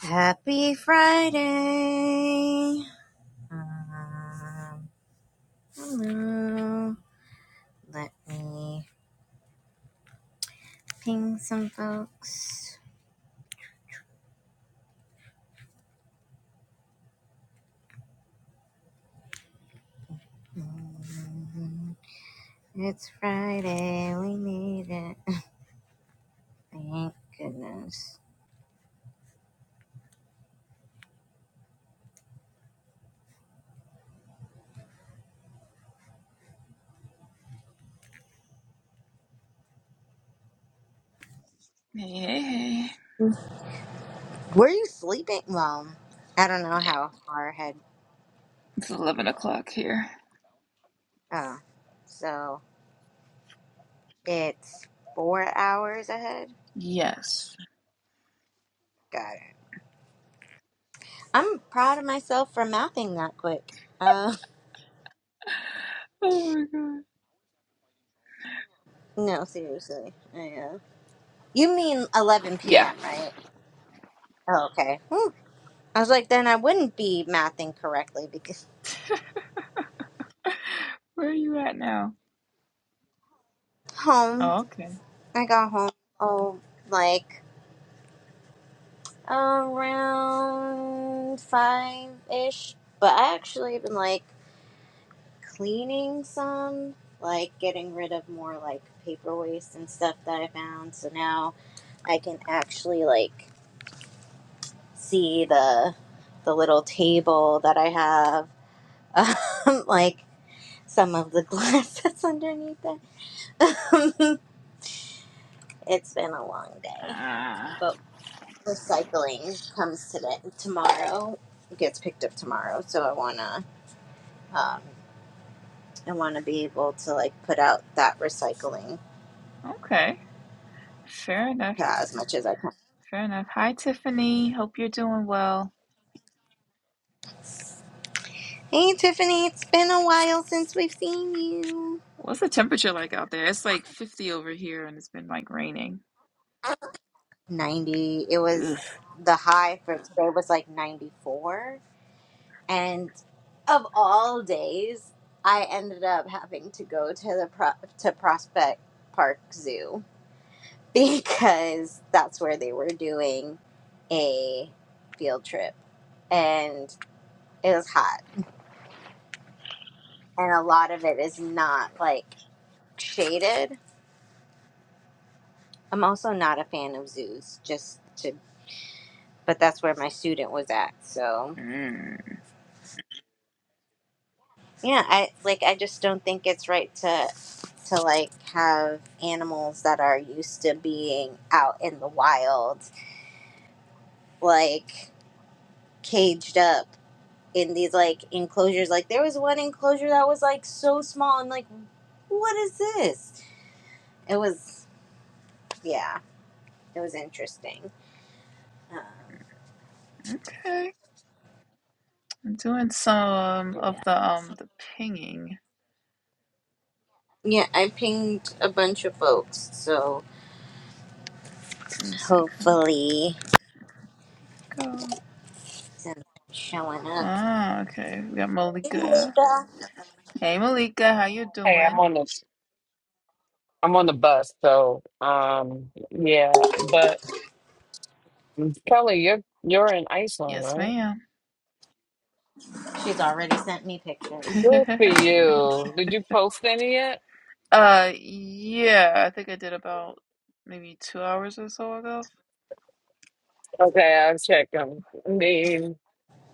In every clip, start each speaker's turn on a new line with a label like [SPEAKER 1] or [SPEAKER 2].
[SPEAKER 1] Happy Friday. Um, hello. Let me ping some folks. Mm, It's Friday. We made it. Thank goodness.
[SPEAKER 2] Hey, hey, hey.
[SPEAKER 1] Were you sleeping? Well, I don't know
[SPEAKER 2] Yeah,
[SPEAKER 1] how far ahead
[SPEAKER 2] it's
[SPEAKER 1] you.
[SPEAKER 2] 11 o'clock here.
[SPEAKER 1] Oh, so it's four hours ahead.
[SPEAKER 2] Yes.
[SPEAKER 1] Got it. I'm proud of myself for mathing that quick. Uh,
[SPEAKER 2] Oh my god.
[SPEAKER 1] no, seriously. I am. You mean 11
[SPEAKER 2] Yeah.
[SPEAKER 1] p.m., right? Oh, okay. Whew. I was like, then I wouldn't be mathing correctly because
[SPEAKER 2] Where are you at now?
[SPEAKER 1] home,
[SPEAKER 2] Oh, okay.
[SPEAKER 1] I got home, oh, like around five ish. But I actually been like cleaning some, like getting rid of more like paper waste and stuff that I found. So now I can actually like see the the little table that I have. Um, like some of the glass that's underneath it. it's been a long day,
[SPEAKER 2] Ah,
[SPEAKER 1] but recycling comes today tomorrow. It gets picked up tomorrow, so I wanna um, I wanna be able to like put out that recycling
[SPEAKER 2] uh, okay. Fair enough.
[SPEAKER 1] uh, as much as I can.
[SPEAKER 2] Fair enough. Hi, Tiffany. Hope you're doing well.
[SPEAKER 1] Hey Tiffany, it's been a while since we've seen you.
[SPEAKER 2] What's the temperature like out there? It's like 50 over here and it's been like raining.
[SPEAKER 1] Ninety. It
[SPEAKER 2] Ugh.
[SPEAKER 1] was the high for today was like ninety four. and of all days, I ended up having to go to the pro- to Prospect Park Zoo because that's where they were doing a field trip, and it was hot, and a lot of it is not like shaded. I'm also not a fan of zoos, just to, but that's where my student was at, so
[SPEAKER 2] Mm,
[SPEAKER 1] Yeah, I like I just don't think it's right to to like have animals that are used to being out in the wild like caged up in these like enclosures. Like there was one enclosure that was like so small and like what is this? It was yeah, it was interesting. Um,
[SPEAKER 2] okay. I'm doing some
[SPEAKER 1] but yeah.
[SPEAKER 2] of the um the pinging.
[SPEAKER 1] Yeah, I pinged a bunch of folks, so
[SPEAKER 2] Let me see. Come
[SPEAKER 1] hopefully
[SPEAKER 2] go.
[SPEAKER 1] some showing up.
[SPEAKER 2] Ah, okay. We got
[SPEAKER 1] Hey,
[SPEAKER 2] Malika.
[SPEAKER 1] Malika.
[SPEAKER 2] Hey, Malika. How you
[SPEAKER 3] Hey,
[SPEAKER 2] doing?
[SPEAKER 3] I'm on the I'm on the bus, so um yeah, but Kelly, you're you're in Iceland,
[SPEAKER 2] Yes,
[SPEAKER 3] right?
[SPEAKER 2] ma'am.
[SPEAKER 1] She's already sent me pictures.
[SPEAKER 3] Good for you. Did you post any yet?
[SPEAKER 2] Uh, yeah, I think I did about maybe two hours or so ago.
[SPEAKER 3] Okay, I'll check them. I mean,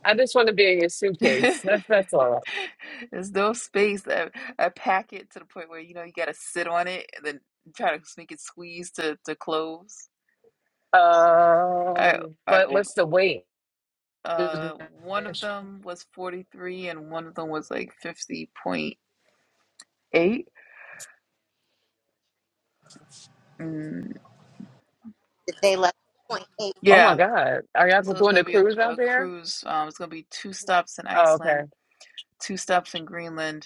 [SPEAKER 3] I just want to be in your suitcase. That's that's all
[SPEAKER 2] There's no space. I, I pack it to the point where you know you gotta sit on it and then try to make it squeeze to to close.
[SPEAKER 3] right.
[SPEAKER 2] I
[SPEAKER 3] Um,
[SPEAKER 2] I
[SPEAKER 3] but
[SPEAKER 2] over.
[SPEAKER 3] what's the wait?
[SPEAKER 2] Uh, one of them was 43 and one of them was like 50.8. Mm,
[SPEAKER 1] Did they let point eight?
[SPEAKER 3] Oh my
[SPEAKER 2] yeah,
[SPEAKER 3] God, are y'all
[SPEAKER 2] so it's
[SPEAKER 3] doing
[SPEAKER 2] gonna
[SPEAKER 3] the
[SPEAKER 2] be a,
[SPEAKER 3] cruise out
[SPEAKER 2] a
[SPEAKER 3] there?
[SPEAKER 2] cruise. Um, it's gonna be two stops in
[SPEAKER 3] Oh, okay.
[SPEAKER 2] Iceland, two stops in Greenland.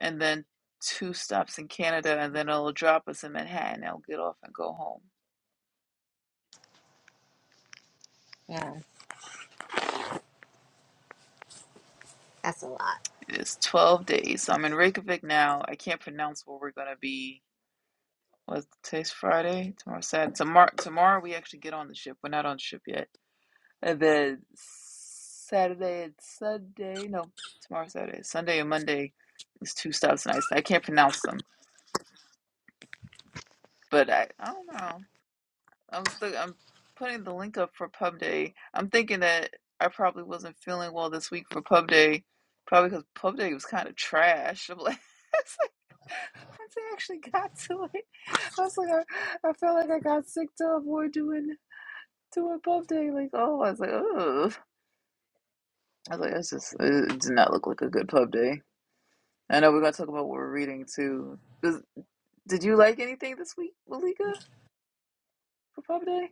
[SPEAKER 2] and then two stops in Canada, and then it'll drop us in Manhattan. I'll get off and go home.
[SPEAKER 1] Yeah. That's a lot.
[SPEAKER 2] It is 12 days. So I'm in Reykjavik now. I can't pronounce where we're gonna be. What's today's Friday? Tomorrow Saturday. Tomorrow, tomorrow we actually get on the ship. We're not on the ship yet. And then Saturday and Sunday. No, tomorrow Saturday. Sunday and Monday is two stops in Iceland. I can't pronounce them, but I, I don't know. I'm still I'm putting the link up for Pub Day. I'm thinking that I probably wasn't feeling well this week for Pub Day, probably because Pub Day was kind of trash. I'm like, it's like once I actually got to it, I was like, I, I felt like I got sick to avoid doing doing Pub Day. Like, oh, I was like, oh, I was like, that's just it did not look like a good Pub Day. I know we're gonna talk about what we're reading too. Does, did you like anything this week, Malika, for Pub Day?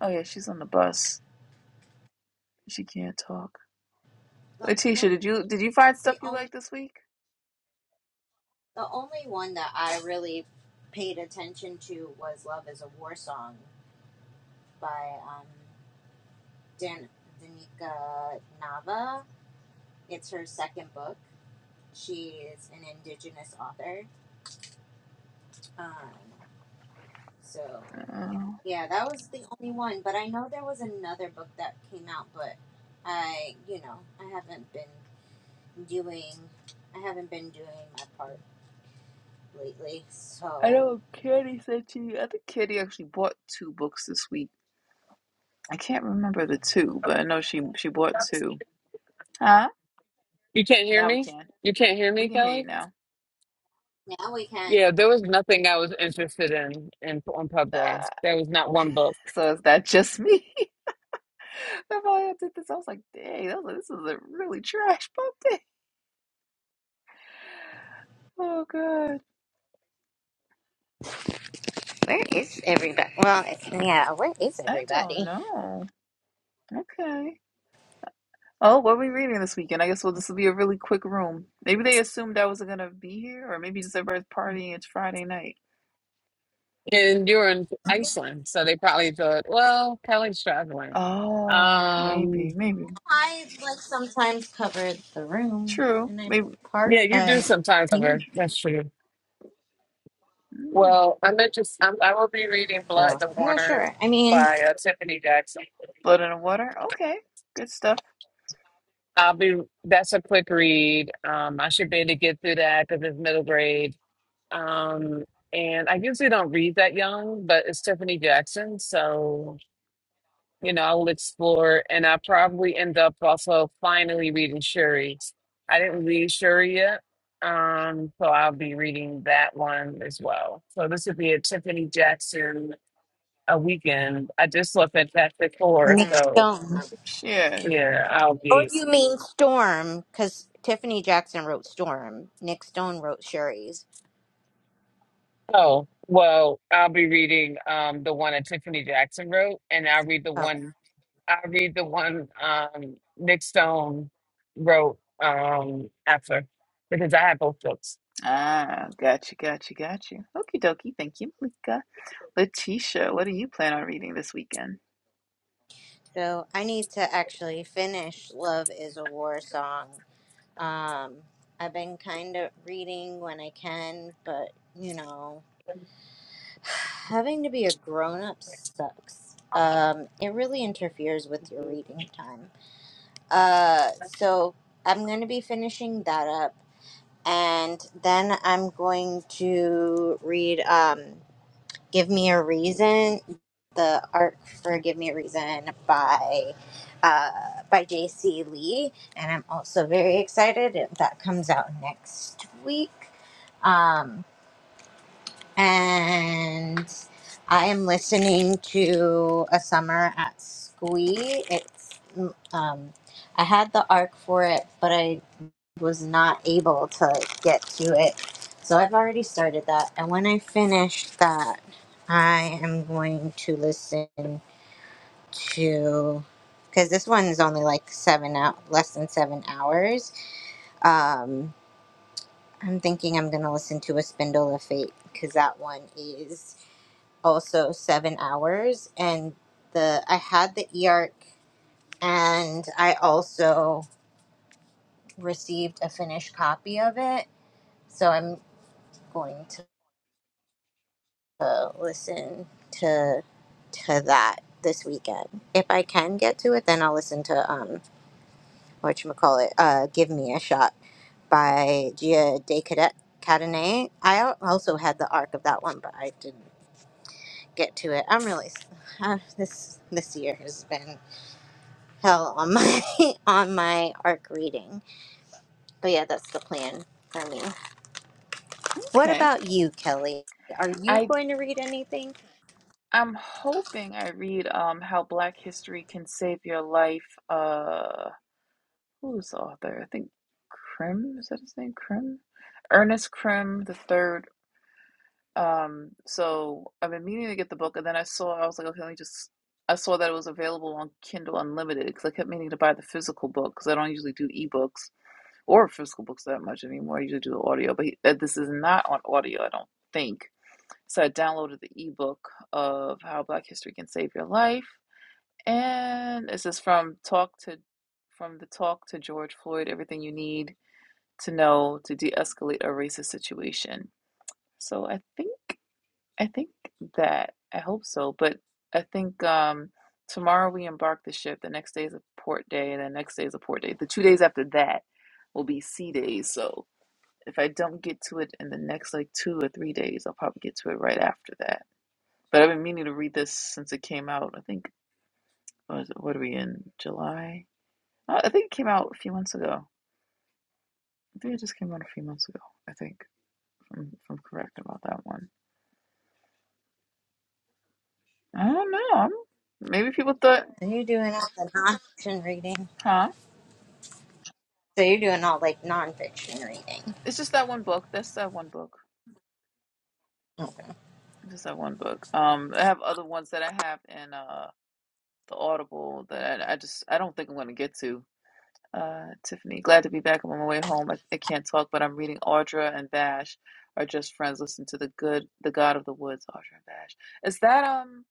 [SPEAKER 2] Oh yeah, she's on the bus. She can't talk.
[SPEAKER 1] Well, no,
[SPEAKER 2] Letitia, did you did you find
[SPEAKER 1] the
[SPEAKER 2] stuff you
[SPEAKER 1] only
[SPEAKER 2] like this week?
[SPEAKER 1] the only one that I really paid attention to was "Love Is a War Song" by um, Dan Danica Nava. It's her second book. She is an indigenous author. Um, so
[SPEAKER 2] Uh,
[SPEAKER 1] yeah, that was the only one. But I know there was another book that came out, but I, you know, I haven't been doing. I haven't been doing my part. lately.
[SPEAKER 2] I
[SPEAKER 1] So
[SPEAKER 2] know Kitty said to you. I think Kitty actually bought two books this week. I can't remember the two, but I know she she bought two. Huh?
[SPEAKER 3] You can't hear
[SPEAKER 2] Now we
[SPEAKER 3] me?
[SPEAKER 2] can.
[SPEAKER 3] You can't hear
[SPEAKER 2] We
[SPEAKER 3] me,
[SPEAKER 2] can hear
[SPEAKER 3] Kelly?
[SPEAKER 2] you now.
[SPEAKER 1] now we can.
[SPEAKER 3] Yeah, there was nothing I was interested in in on Pubway.
[SPEAKER 2] Ah,
[SPEAKER 3] There was not one book.
[SPEAKER 2] so is that just me? If I did this, I was like, dang, that was, this is a really trash book day. Oh god,
[SPEAKER 1] Where is everybody? Well, it's, yeah, where is
[SPEAKER 2] I don't
[SPEAKER 1] everybody?
[SPEAKER 2] know. Okay. Oh, what are we reading this weekend? I guess well, this will be a really quick room. Maybe they assumed I wasn't gonna be here, or maybe just everybody's partying. It's Friday night.
[SPEAKER 3] And you were in Iceland, so they probably thought, well, Kelly's traveling.
[SPEAKER 2] Oh,
[SPEAKER 3] Um,
[SPEAKER 2] maybe, maybe.
[SPEAKER 1] I like sometimes cover the room
[SPEAKER 2] True.
[SPEAKER 1] and I
[SPEAKER 2] Maybe.
[SPEAKER 1] part
[SPEAKER 3] yeah, you do
[SPEAKER 1] I
[SPEAKER 3] sometimes
[SPEAKER 1] ping.
[SPEAKER 3] cover. That's true.
[SPEAKER 2] Mm,
[SPEAKER 3] Well, I'm interested. I'm, I will be reading Blood
[SPEAKER 1] So
[SPEAKER 3] in the
[SPEAKER 1] I'm not
[SPEAKER 3] Water
[SPEAKER 1] sure. I mean,
[SPEAKER 3] by uh, Tiffany Jackson.
[SPEAKER 2] blood in the water. Okay. Good stuff.
[SPEAKER 3] I'll be. That's a quick read. Um, I should be able to get through that because it's middle grade. Um, and I usually don't read that young, but it's Tiffany Jackson, so. you know, I'll explore and i probably end up also finally reading Shuri. I didn't read Shuri yet. Um, so I'll be reading that one as well. So this would be a Tiffany Jackson a weekend. I just left Fantastic Four,
[SPEAKER 1] Nick Mm.
[SPEAKER 3] so
[SPEAKER 1] Stone.
[SPEAKER 2] Shit.
[SPEAKER 3] yeah, I'll
[SPEAKER 1] Or
[SPEAKER 3] be
[SPEAKER 1] you mean Storm? Because Tiffany Jackson wrote Storm. Nick Stone wrote Sherry's.
[SPEAKER 3] oh well, I'll be reading um the one that Tiffany Jackson wrote and I'll read the
[SPEAKER 1] Okay.
[SPEAKER 3] one I'll read the one um Nick Stone wrote um after because I have both books.
[SPEAKER 2] Ah, gotcha, gotcha, gotcha. Okie dokie. Thank you, Malika. Letitia, what do you plan on reading this weekend?
[SPEAKER 1] So I need to actually finish "Love Is a War Song." Um, I've been kind of reading when I can, but you know. Having to be a grown up sucks. Um, it really interferes with your reading time. Uh, so I'm going to be finishing that up, and then I'm going to read um, "Give Me a Reason," the arc for "Give Me a Reason" by uh, by J.C. Lee, and I'm also very excited that comes out next week. Um, and I am listening to a summer at Squee. It's mm, um, I had the arc for it, but I was not able to get to it, so I've already started that. And when I finish that, I am going to listen to because this one is only like seven out less than seven hours. Um, I'm thinking I'm gonna listen to a Spindle of Fate because that one is also seven hours and the i had the E arc, and i also received a finished copy of it so i'm going to uh, listen to to that this weekend if i can get to it then i'll listen to um what you call it uh give me a shot by gia de cadet Cadenet. I al- also had the arc of that one, but I didn't get to it. I'm really s- uh, this this year has been hell on my on my arc reading. But yeah, that's the plan for me. What
[SPEAKER 2] Okay.
[SPEAKER 1] about you, Kelly? Are you
[SPEAKER 2] I
[SPEAKER 1] going to read anything?
[SPEAKER 2] I'm hoping I read um How Black History Can Save Your Life. Uh, who's the author? I think Krim, is that his name? Krim? Ernest Krim the third Um, so I've been meaning to get the book, and then I saw I was like, okay, let me just. I saw that it was available on Kindle Unlimited because I kept meaning to buy the physical book because I don't usually do ebooks or physical books that much anymore. I usually do the audio, but he, uh, this is not on audio, I don't think. So I downloaded the ebook of How Black History Can Save Your Life, and this is from Talk to from the Talk to George Floyd: Everything You Need to Know to De-Escalate a Racist Situation. So I think. I think that I hope so, but I think um tomorrow we embark the ship. The next day is a port day, and the next day is a port day. The two days after that will be sea days. So if I don't get to it in the next like two or three days, I'll probably get to it right after that. But I've been meaning to read this since it came out. I think what, is it, what are we in July? Uh, I think it came out a few months ago. I think it just came out a few months ago. I think if I'm, if I'm correct about that one. I don't know. I'm, maybe people thought,
[SPEAKER 1] Are you doing all the nonfiction reading?
[SPEAKER 2] huh?
[SPEAKER 1] So you're doing all like nonfiction reading.
[SPEAKER 2] It's just that one book. That's that one book.
[SPEAKER 1] Okay.
[SPEAKER 2] Just that one book. Um, I have other ones that I have in uh the Audible that I, I just I don't think I'm gonna get to. Uh, Tiffany, glad to be back. I'm on my way home. I, I can't talk, but I'm reading Audra and Bash are just friends. Listen to the good, the God of the Woods, Audra and Bash. Is that um?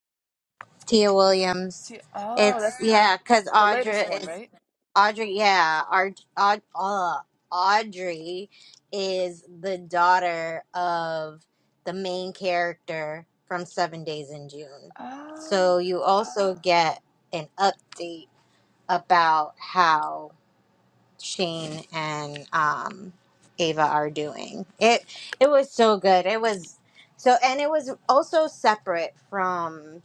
[SPEAKER 1] Tia Williams.
[SPEAKER 2] T- oh,
[SPEAKER 1] It's
[SPEAKER 2] that's the
[SPEAKER 1] yeah, because
[SPEAKER 2] the latest
[SPEAKER 1] Audra
[SPEAKER 2] one,
[SPEAKER 1] is
[SPEAKER 2] right?
[SPEAKER 1] Audrey, yeah, Ar- Aud- uh, Audrey is the daughter of the main character from Seven Days in June.
[SPEAKER 2] Uh,
[SPEAKER 1] So you also get an update about how Shane and um, Ava are doing. It it was so good. It was so, and it was also separate from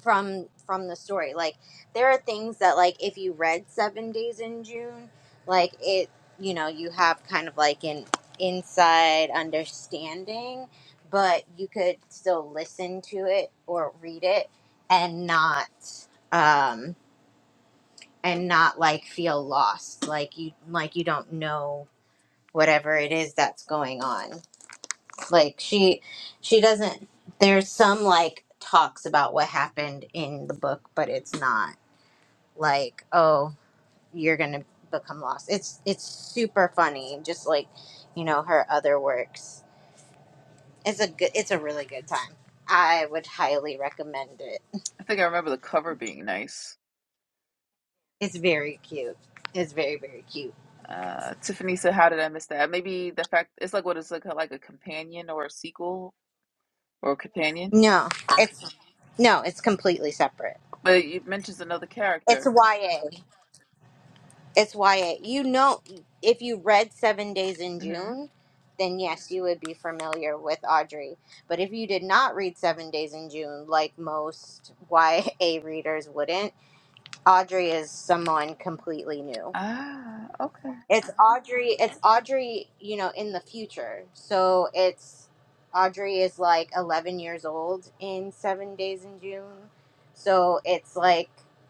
[SPEAKER 1] from from the story like there are things that like if you read seven days in june like it you know you have kind of like an inside understanding but you could still listen to it or read it and not um and not like feel lost like you like you don't know whatever it is that's going on like she she doesn't there's some like talks about what happened in the book but it's not like oh you're gonna become lost it's it's super funny just like you know her other works it's a good it's a really good time i would highly recommend it
[SPEAKER 2] I think I remember the cover being nice.
[SPEAKER 1] it's very cute it's very very cute
[SPEAKER 2] Uh, Tiffany said, "How did I miss that? Maybe the fact it's like what is like a, like a companion or a sequel or companion.
[SPEAKER 1] no it's no it's completely separate
[SPEAKER 2] But it mentions another
[SPEAKER 1] it's
[SPEAKER 2] character.
[SPEAKER 1] ya it's ya you know if you read seven days in
[SPEAKER 2] hmm
[SPEAKER 1] june then yes you would be familiar with audrey but if you did not read Seven Days in June, like most YA readers wouldn't, Audrey is someone completely new.
[SPEAKER 2] Ah, okay.
[SPEAKER 1] It's Audrey. It's Audrey. You know, in the future. So it's Audrey is like eleven years old in seven days in June. So it's like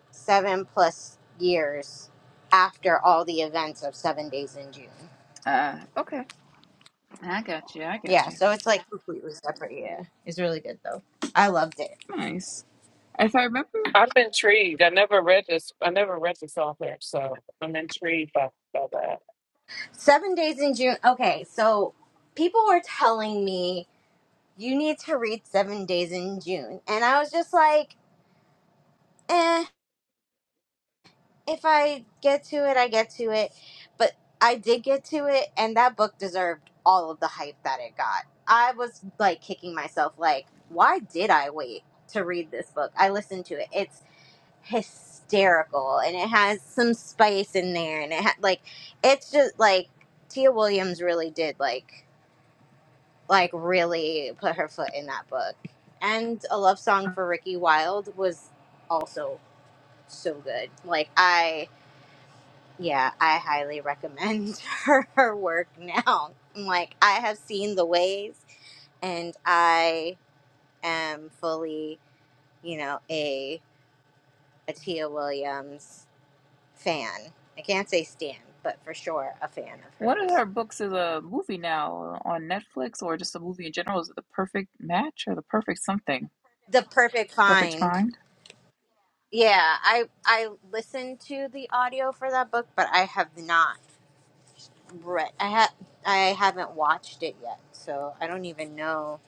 [SPEAKER 1] seven plus years after all the events of seven days in June.
[SPEAKER 2] Ah, okay. I got you. I got
[SPEAKER 1] Yeah.
[SPEAKER 2] you.
[SPEAKER 1] So it's like completely separate. Yeah, it's really good though. I loved it.
[SPEAKER 2] Nice. If I remember,
[SPEAKER 3] I'm intrigued. I never read this. I never read this author, so I'm intrigued by, by that.
[SPEAKER 1] Seven days in June. Okay, so people were telling me you need to read Seven Days in June. And I was just like, eh, if I get to it, I get to it. But I did get to it, and that book deserved all of the hype that it got. I was like kicking myself, like, why did I wait to read this book? I listened to it. It's hysterical, and it has some spice in there, and it had like, it's just like Tia Williams really did like. like really put her foot in that book. And a love song for Ricky Wilde was also so good. Like I yeah, I highly recommend her, her work now. Like I have seen the ways and I am fully, you know, a a Tia Williams fan. I can't say stan, but for sure a fan of
[SPEAKER 2] one of
[SPEAKER 1] hers.
[SPEAKER 2] her books is a movie now on Netflix, or just a movie in general. Is it the perfect match or the perfect something?
[SPEAKER 1] The perfect
[SPEAKER 2] The perfect
[SPEAKER 1] find.
[SPEAKER 2] find?
[SPEAKER 1] Yeah, I I listened to the audio for that book, but I have not read. I ha I haven't watched it yet, so I don't even know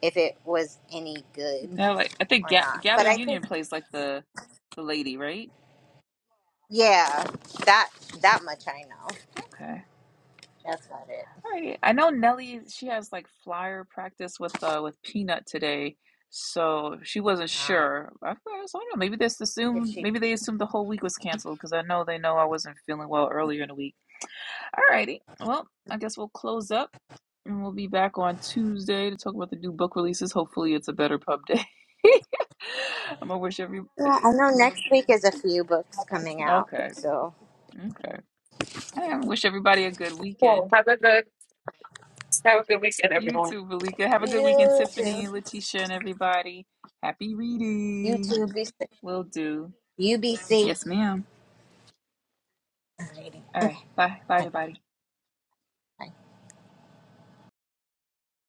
[SPEAKER 1] if it was any good
[SPEAKER 2] Yeah, like I think
[SPEAKER 1] or
[SPEAKER 2] Gab-
[SPEAKER 1] not. But
[SPEAKER 2] Gabby
[SPEAKER 1] I think
[SPEAKER 2] Union plays like the the lady, right?
[SPEAKER 1] yeah, that that much I know.
[SPEAKER 2] Okay.
[SPEAKER 1] That's about it.
[SPEAKER 2] Right. I know Nelly, she has like flyer practice with uh with Peanut today, so she wasn't
[SPEAKER 1] Uh,
[SPEAKER 2] sure. I thought- I was like, "Oh, maybe this
[SPEAKER 1] if
[SPEAKER 2] assumed
[SPEAKER 1] she
[SPEAKER 2] maybe they assumed the whole week was canceled because I know they know I wasn't feeling well earlier in the week. Alrighty. Well, I guess we'll close up and we'll be back on Tuesday to talk about the new book releases. Hopefully it's a better pub day. I'm gonna wish every
[SPEAKER 1] yeah, I know next week is a few books coming out,
[SPEAKER 2] okay,
[SPEAKER 1] so
[SPEAKER 2] okay. I wish everybody a good weekend.
[SPEAKER 3] Cool. have a good have a good weekend,
[SPEAKER 2] You
[SPEAKER 3] everyone.
[SPEAKER 2] too, Valika. Have a good weekend,
[SPEAKER 1] you too.
[SPEAKER 2] Tiffany, Letitia, and everybody. Happy
[SPEAKER 1] You
[SPEAKER 2] reading.
[SPEAKER 1] too. Be safe.
[SPEAKER 2] Will do.
[SPEAKER 1] You be safe.
[SPEAKER 2] Yes, ma'am.
[SPEAKER 1] Alrighty.
[SPEAKER 2] All right. Bye. Bye,
[SPEAKER 1] Bye-bye.
[SPEAKER 2] everybody.